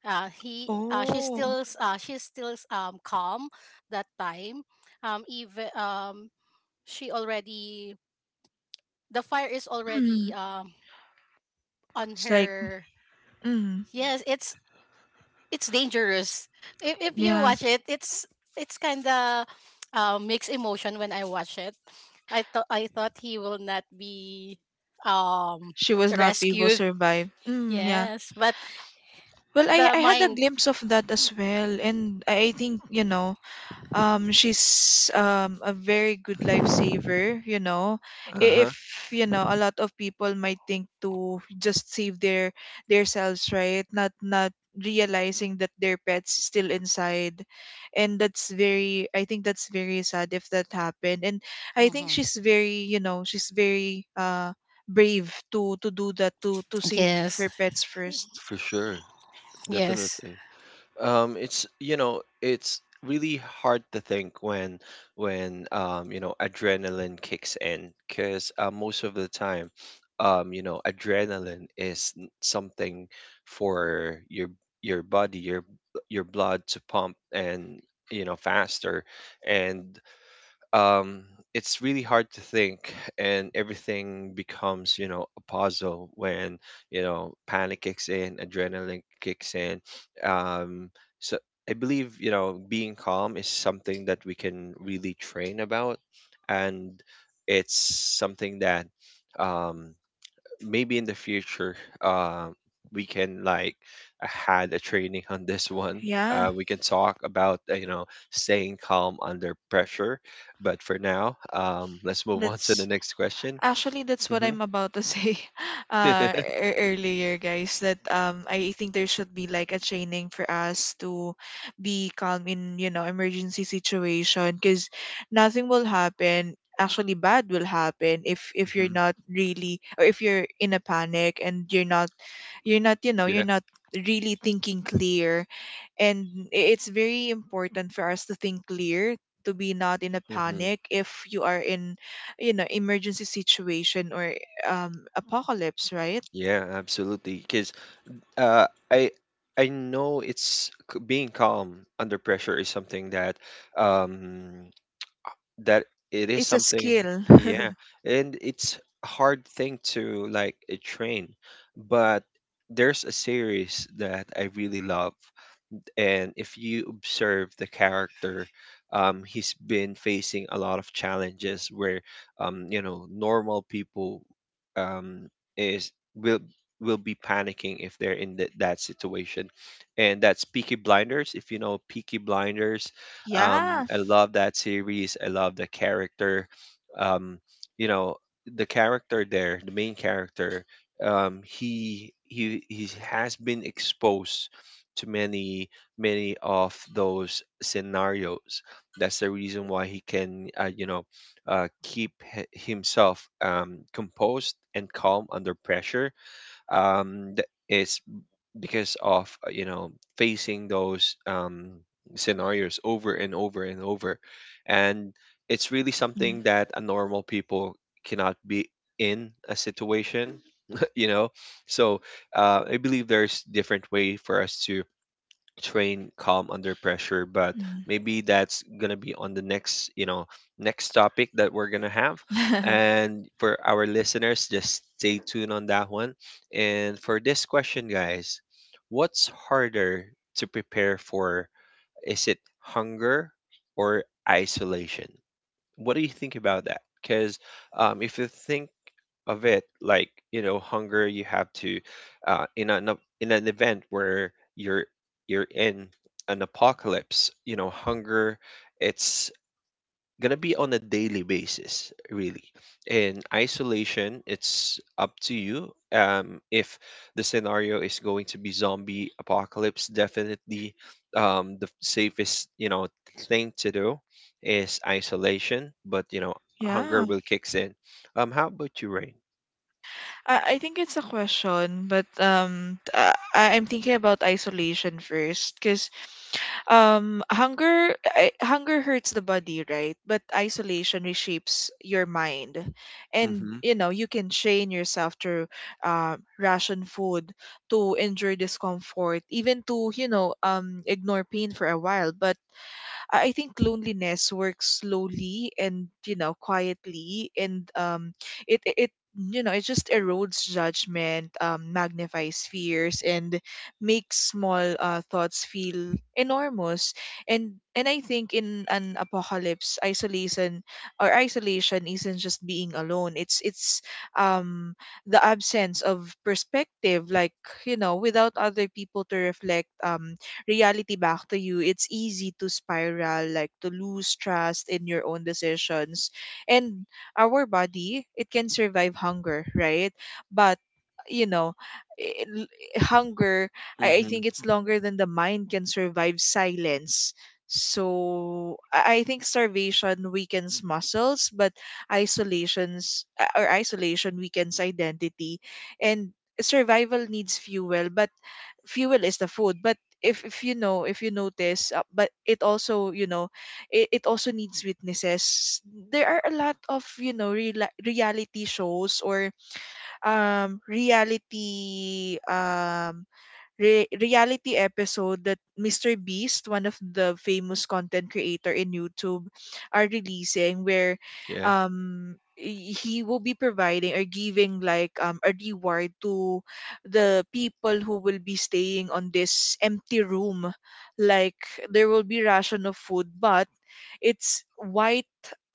Uh he uh She's
Oh.
still s- uh she's still s- um calm that time, um, even, um, she already, the fire is already,
Mm.
um, on
It's like.
her.
Mm.
Yes, it's it's dangerous. If if you
Yeah,
watch it, it's it's kind of, uh, mixed emotion when I watch it. I thought I thought he will not be, um,
she was not able to
rescued.
survive. Mm, yeah.
Yes, but
Well, I,
the
I had a
mind.
glimpse of that as well. And I I think, you know, um she's um a very good lifesaver. You know I- if
Uh-huh.
you know, a lot of people might think to just save their their selves, right? Not not realizing that their pet's still inside. And that's very, I think that's very sad if that happened. And I think
Hmm.
she's very, you know, she's very, uh brave to to do that, to to save her
Yes,
pets first.
For sure.
yes.
Definitely. Um, it's you know it's really hard to think when when um you know adrenaline kicks in, because uh, most of the time um you know adrenaline is n- something for your your body, your your blood to pump and you know faster, and um, it's really hard to think, and everything becomes you know a puzzle when you know panic kicks in, adrenaline kicks in, um, so I believe you know being calm is something that we can really train about. And it's something that um, maybe in the future um we can like had a training on this one,
Yeah,
uh, we can talk about uh, you know, staying calm under pressure. But for now um, let's move on to the
that's.
next question.
Actually, that's what
Hmm.
I'm about to say uh, ear- earlier, guys. That, um, I think there should be like a training for us to be calm in, you know, emergency situation, because nothing will happen. Actually, bad will happen if if you're
Hmm.
not really, or if you're in a panic and you're not you're not, you know, you're
Yeah.
not really thinking clear. And i- it's very important for us to think clear, to be not in a
Hmm.
panic if you are in, you know, emergency situation or um apocalypse, right?
Yeah, absolutely, because uh, I I know it's c- being calm under pressure is something that um, that it is
It's a
something.
skill.
Yeah, and it's a hard thing to like uh, train. But there's a series that I really love, and if you observe the character, um, he's been facing a lot of challenges where, um, you know, normal people um, is will will be panicking if they're in th- that situation, and that's Peaky Blinders. If you know Peaky Blinders, um,
Yeah.
I love that series. I love the character. Um, you know, the character there, the main character um, he he he has been exposed to many many of those scenarios. That's the reason why he can, uh, you know, uh, keep h- himself um, composed and calm under pressure. Um, th- is because of uh, you know, facing those um, scenarios over and over and over, and it's really
Yeah.
something that a normal people cannot be in a situation. You know, so uh, I believe there's different way for us to train calm under pressure, but
Mm.
maybe that's going to be on the next you know next topic that we're going to have. And for our listeners just stay tuned on that one. And for this question, guys, what's harder to prepare for? Is it hunger or isolation? What do you think about that? Because um, if you think of it like you know hunger, you have to uh, in an ap- in an event where you're you're in an apocalypse, you know hunger, it's gonna be on a daily basis really. In isolation, it's up to you. Um, if the scenario is going to be zombie apocalypse, definitely um, the safest you know thing to do is isolation. But you know hunger
Yeah.
will kicks in. Um, how about you, Rain?
I, I think it's a question, but um, t- uh, I, I'm thinking about isolation first, because, um, hunger, I, hunger hurts the body, right? But isolation reshapes your mind, and
Mm-hmm.
you know you can train yourself to uh, ration food, to endure discomfort, even to, you know, um ignore pain for a while. But I I think loneliness works slowly and, you know, quietly, and, um, it it it, you know, it just erodes judgment, um, magnifies fears, and makes small, uh, thoughts feel enormous. And and I think in an apocalypse, isolation, or isolation isn't just being alone. It's it's um the absence of perspective, like, you know, without other people to reflect. Um, reality back to you, it's easy to spiral, like to lose trust in your own decisions. And our body, it can survive hunger, right? But you know, i- l- hunger, I, I
Mm-hmm.
think it's longer than the mind can survive silence. So I I think starvation weakens muscles, but isolations, uh, or isolation weakens identity, and survival needs fuel. But fuel is the food, but if if you know, if you notice, uh, but it also, you know, it, it also needs witnesses. There are a lot of, you know, real, reality shows, or um reality, um re- reality episode that mister Beast, one of the famous content creator in YouTube, are releasing, where
Yeah.
um y- he will be providing or giving, like, um a reward to the people who will be staying on this empty room. Like, there will be ration of food, but it's white,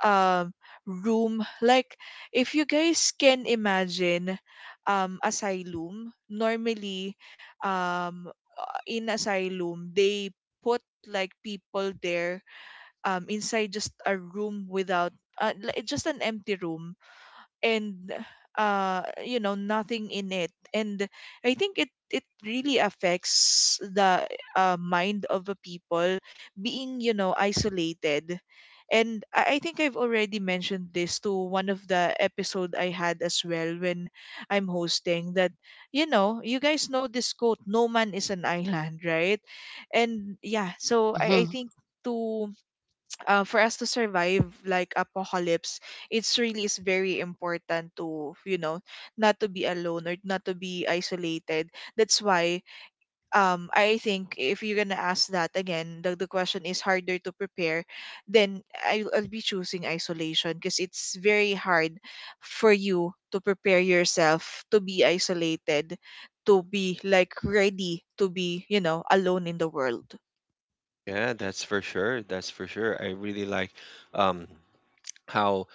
um room, like, if you guys can imagine, um asylum. Normally, um in asylum, they put, like, people there, um inside, just a room without, uh, li- just an empty room. And uh you know, nothing in it, and I think it it really affects the, uh, mind of a people being, you know, isolated. And I, I think I've already mentioned this to one of the episode I had as well, when I'm hosting that. You know, you guys know this quote, no man is an island, right? And yeah, so i, I
Mm-hmm.
think to, uh, for us to survive, like, apocalypse, it's really is very important to, you know, not to be alone or not to be isolated. That's why, um I think if you're gonna ask that again, the, the question is harder to prepare, then I'll, I'll be choosing isolation, because it's very hard for you to prepare yourself to be isolated, to be, like, ready to be, you know, alone in the world.
Yeah, that's for sure. That's for sure. I really like um how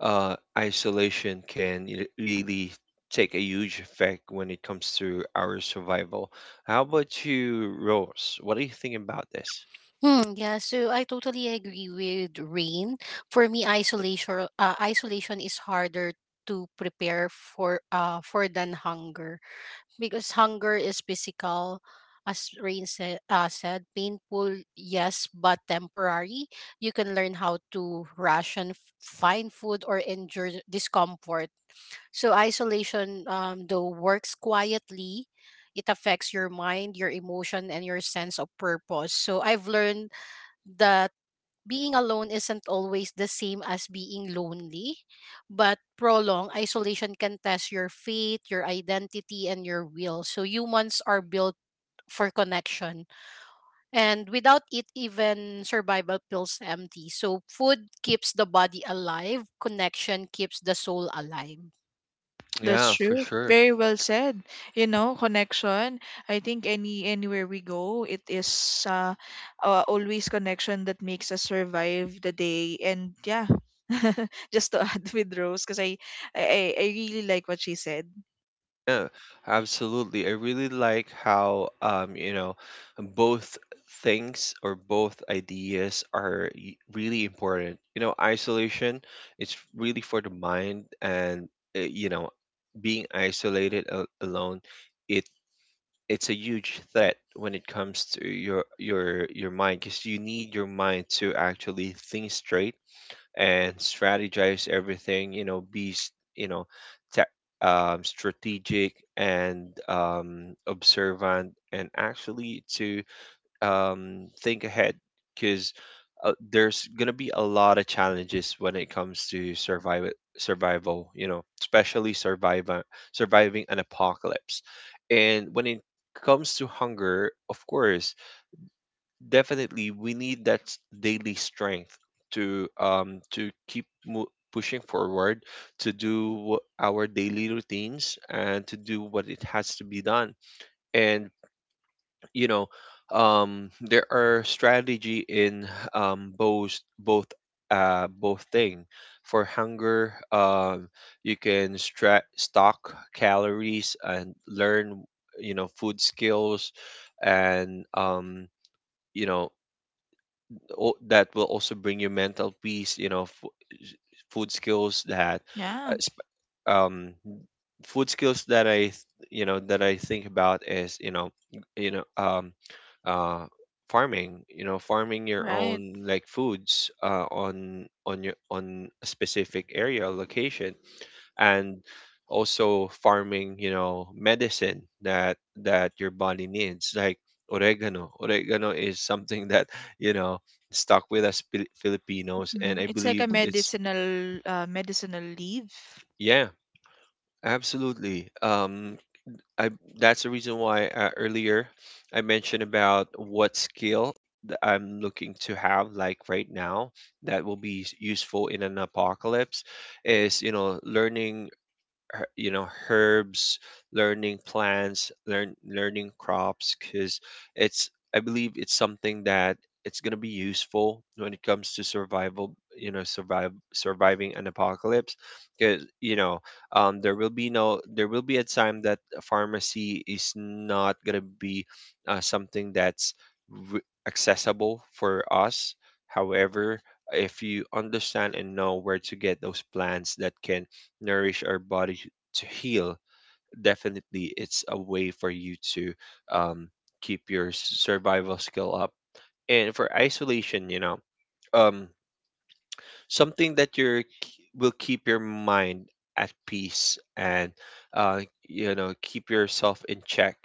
uh isolation can y- really take a huge effect when it comes to our survival. How about you, Rose? What do you think about this?
Hmm, yeah, so I totally agree with Rain. For me, isolation uh, isolation is harder to prepare for uh for than hunger. Because hunger is physical, as Rain said, uh, said painful, yes, but temporary. You can learn how to ration, f- find food, or endure discomfort. So isolation, um, though works quietly, it affects your mind, your emotion, and your sense of purpose. So I've learned that being alone isn't always the same as being lonely, but prolonged isolation can test your faith, your identity, and your will. So humans are built for connection. And without it, even survival feels empty. So food keeps the body alive, connection keeps the soul alive.
That's
Yeah, for
true.
sure.
Very well said. You know, connection. I think any anywhere we go, it is, uh, uh, always connection that makes us survive the day. And yeah, just to add with Rose, because I, I I I really like what she said.
Yeah, absolutely. I really like how um, you know, both things or both ideas are y- really important. You know, isolation, it's really for the mind and uh, you know, being isolated a- alone, it it's a huge threat when it comes to your your your mind because you need your mind to actually think straight and strategize everything, you know, be s- you know ta um, strategic and um, observant, and actually to um, think ahead because uh, there's gonna be a lot of challenges when it comes to survival survival, you know, especially survival surviving an apocalypse. And when it comes to hunger, of course, definitely we need that s- daily strength to um to keep mo- pushing forward to do wh- our daily routines and to do what it has to be done. And you know, um there are strategy in um both both uh both thing. For hunger, um you can stra- stock calories and learn, you know, food skills. And um you know o- that will also bring you mental peace, you know, f- food skills that uh,
Yeah,
sp- um food skills that i th- you know that I think about is, you know you know um uh farming, you know, farming your
right.
own like foods uh on on your on a specific area or location. And also farming, you know, medicine that that your body needs, like oregano. Oregano is something that, you know, stuck with us Fili- filipinos, and
Mm.
I
It's like
believe
a
Mm-hmm.
it's
medicinal, uh, medicinal leaf.
yeah, absolutely. Um I That's the reason why, uh, earlier, I mentioned about what skill that I'm looking to have like right now, that will be s- useful in an apocalypse is, you know, learning, her- you know herbs, learning plants, learn learning crops, because it's, I believe it's something that it's going to be useful when it comes to survival, you know, survive surviving an apocalypse. Because you know, um there will be no there will be a time that a pharmacy is not going to be uh, something that's re- accessible for us. However, if you understand and know where to get those plants that can nourish our body to heal, definitely it's a way for you to um, keep your s- survival skill up. And for isolation, you know, um, something that you're will keep your mind at peace, and uh, you know, keep yourself in check,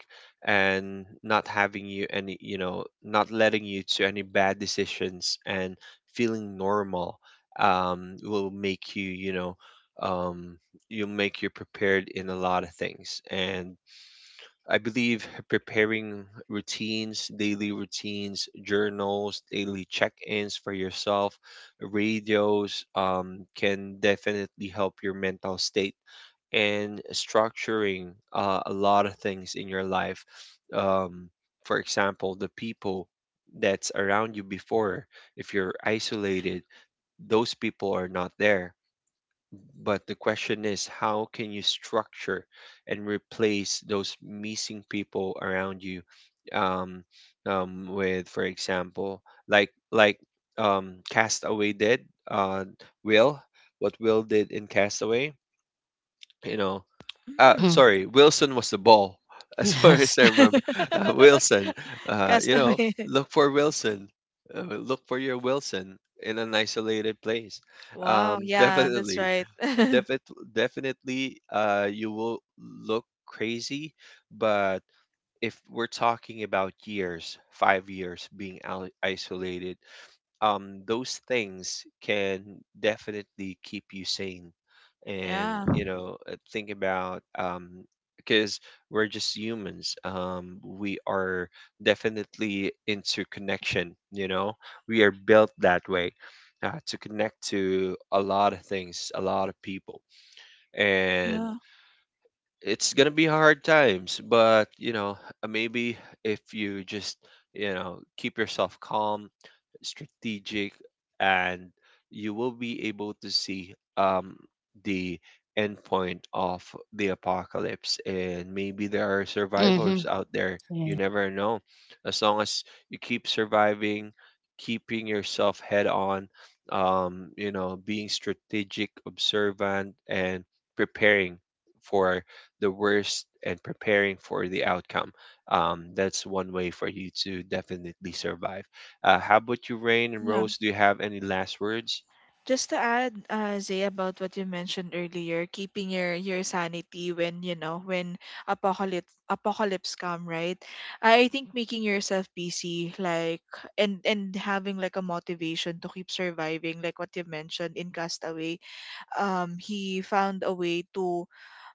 and not having you any, you know, not letting you to any bad decisions, and feeling normal um, will make you, you know, um, you'll make you prepared in a lot of things. And I believe preparing routines, daily routines, journals, daily check ins for yourself, radios um, can definitely help your mental state and structuring uh, a lot of things in your life. Um, for example, the people that's around you before, if you're isolated, those people are not there, but the question is, how can you structure and replace those missing people around you, um, um, with, for example, like like um, Castaway did, uh, Will, what Will did in Castaway, you know. Uh,
Mm.
Mm-hmm.
sorry, Wilson was the ball, as far as
Yes.
I remember. Uh, Wilson, uh, you know,
Castaway.
look for Wilson. Uh, look for your Wilson in an isolated place.
Wow.
Um,
Yeah, that's
definitely,
right.
Defi- definitely, uh, you will look crazy, but if we're talking about years, five years being al- isolated, um, those things can definitely keep you sane. And
Yeah.
you know, uh, think about, um, because we're just humans. Um, we are definitely into connection, you know, we are built that way. Uh, to connect to a lot of things, a lot of people. And
Yeah.
it's gonna be hard times, but you know, uh, maybe if you just, you know, keep yourself calm, strategic, and you will be able to see um, the end point of the apocalypse. And maybe there are
Mm-hmm.
survivors out there. You
Yeah.
never know. As long as you keep surviving, keeping yourself head on, um, you know, being strategic, observant, and preparing for the worst and preparing for the outcome, um, that's one way for you to definitely survive. Uh, how about you, Rain and Rose? Do you have any last words?
Just to add, uh, Zay, about what you mentioned earlier, keeping your your sanity when, you know, when apocalypse apocalypse come, right? I I think making yourself busy, like, and and having, like, a motivation to keep surviving, like what you mentioned in Castaway. Um, he found a way to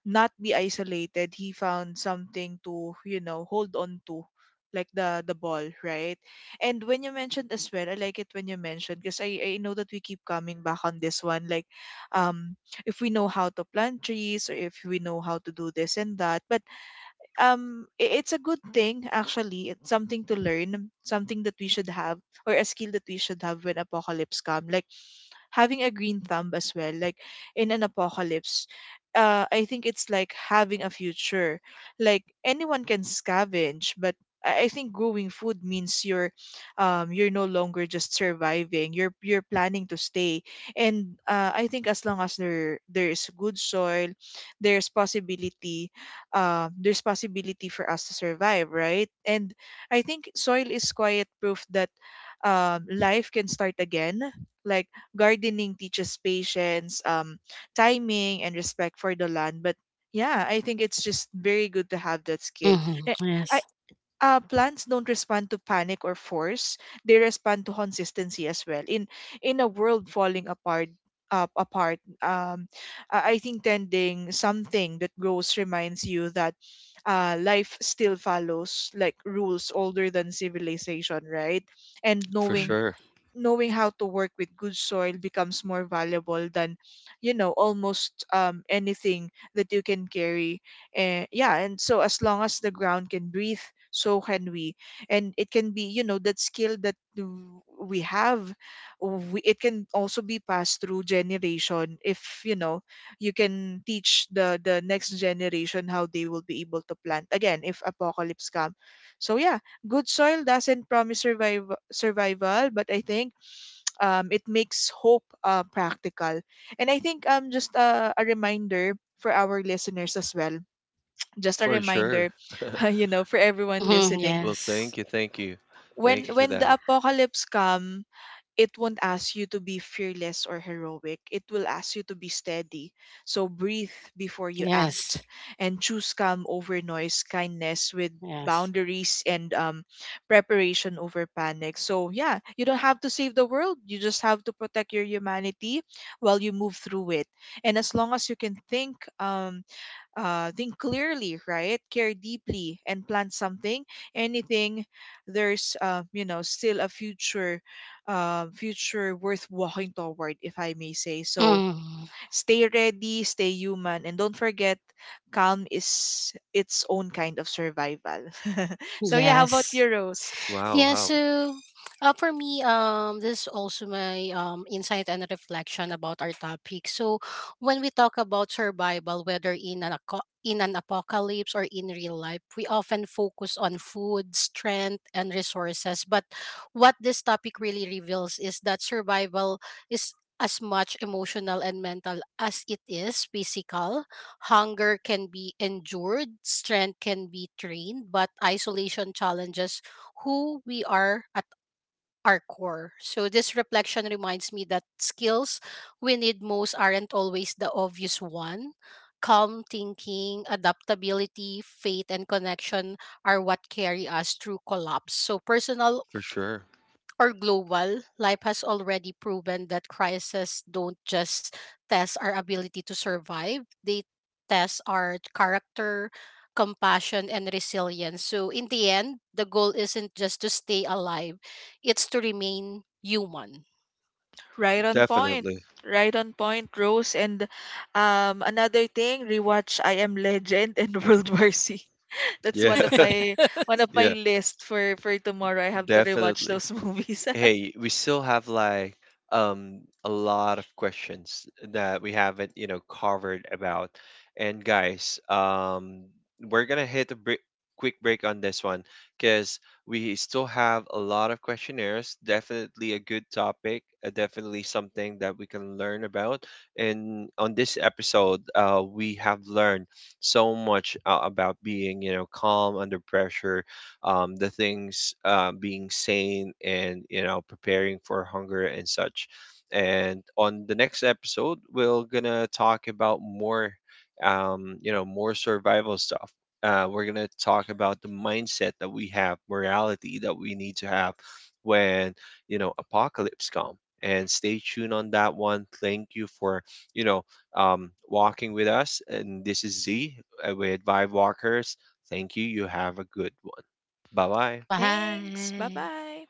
not be isolated. He found something to, you know, hold on to, like the the ball, right? And when you mentioned as well, I like it when you mentioned, because i i know that we keep coming back on this one, like, um if we know how to plant trees, or if we know how to do this and that. But um i- it's a good thing, actually, it's something to learn, something that we should have, or a skill that we should have when apocalypse come, like having a green thumb as well, like in an apocalypse. uh, I think it's like having a future, like anyone can scavenge, but i I think growing food means you're, um, you're no longer just surviving, you're you're planning to stay. And uh, I think as long as there there's good soil, there's possibility, uh, there's possibility for us to survive, right? And I think soil is quiet proof that, um, life can start again. Like, gardening teaches patience, um, timing, and respect for the land. But yeah, I think it's just very good to have that skill.
Mm-hmm.
Eh, I
Yes.
uh, plants don't respond to panic or force; they respond to consistency as well. In in a world falling apart, up apart, um, I I think tending something that grows reminds you that, uh, life still follows like rules older than civilization, right? And
For
knowing
sure.
knowing how to work with good soil becomes more valuable than, you know, almost, um, anything that you can carry. And yeah, and so as long as the ground can breathe, so can we. And it can be, you know, that skill that w- we have, we, it can also be passed through generation, if you know, you can teach the the next generation how they will be able to plant again if apocalypse come. So yeah, good soil doesn't promise survival survival, but I think um it makes hope, uh, practical. And I think, um just a, a reminder for our listeners as well, just a
For
reminder.
sure.
You know, for everyone
Mm-hmm.
listening,
Well,
Yes.
thank you. Thank you.
when
Thank you for
when the
that.
apocalypse come, it won't ask you to be fearless or heroic. It will ask you to be steady. So breathe before you act,
Yes.
and choose calm over noise, kindness with
Yes.
boundaries, and, um, preparation over panic. So, yeah, you don't have to save the world. You just have to protect your humanity while you move through it. And as long as you can think, um, uh, think clearly, right? Care deeply and plan something. Anything, there's, uh, you know, still a future, uh, future worth walking toward, if I may say. So
Mm,
stay ready, stay human, and don't forget, calm is its own kind of survival. So yeah, how about
yes.
you, Rose?
Wow.
Yeah,
Wow.
so, uh, for me, um, this is also my, um, insight and reflection about our topic. So, when we talk about survival, whether in an aco- in an apocalypse or in real life, we often focus on food, strength, and resources. But what this topic really reveals is that survival is as much emotional and mental as it is physical. Hunger can be endured, strength can be trained, but isolation challenges who we are at our core. So this reflection reminds me that skills we need most aren't always the obvious one. Calm thinking, adaptability, faith, and connection are what carry us through collapse. So personal
For sure.
or global, life has already proven that crises don't just test our ability to survive, they test our character, compassion, and resilience. So, in the end, the goal isn't just to stay alive, it's to remain human.
Right on point.
Definitely.
Right on point, Rose. And, um, another thing, rewatch I Am Legend and World War Z. That's
Yeah.
one of my one of my
Yeah.
list for for tomorrow. I have to rewatch
Definitely.
those movies.
Hey, we still have like um a lot of questions that we haven't, you know, covered about. And guys, um we're gonna hit a break, quick break on this one, because we still have a lot of questionnaires. Definitely a good topic, uh, definitely something that we can learn about. And on this episode, uh, we have learned so much uh, about being, you know, calm under pressure, um, the things, uh, being sane and, you know, preparing for hunger and such. And on the next episode, we're gonna talk about more, um, you know, more survival stuff. Uh, we're gonna talk about the mindset that we have, morality that we need to have when, you know, apocalypse come. And stay tuned on that one. Thank you for, you know, um, walking with us. And this is Z, uh, with Vibe Walkers. Thank you. You have a good one. Bye bye.
Thanks. Bye
Bye.
bye.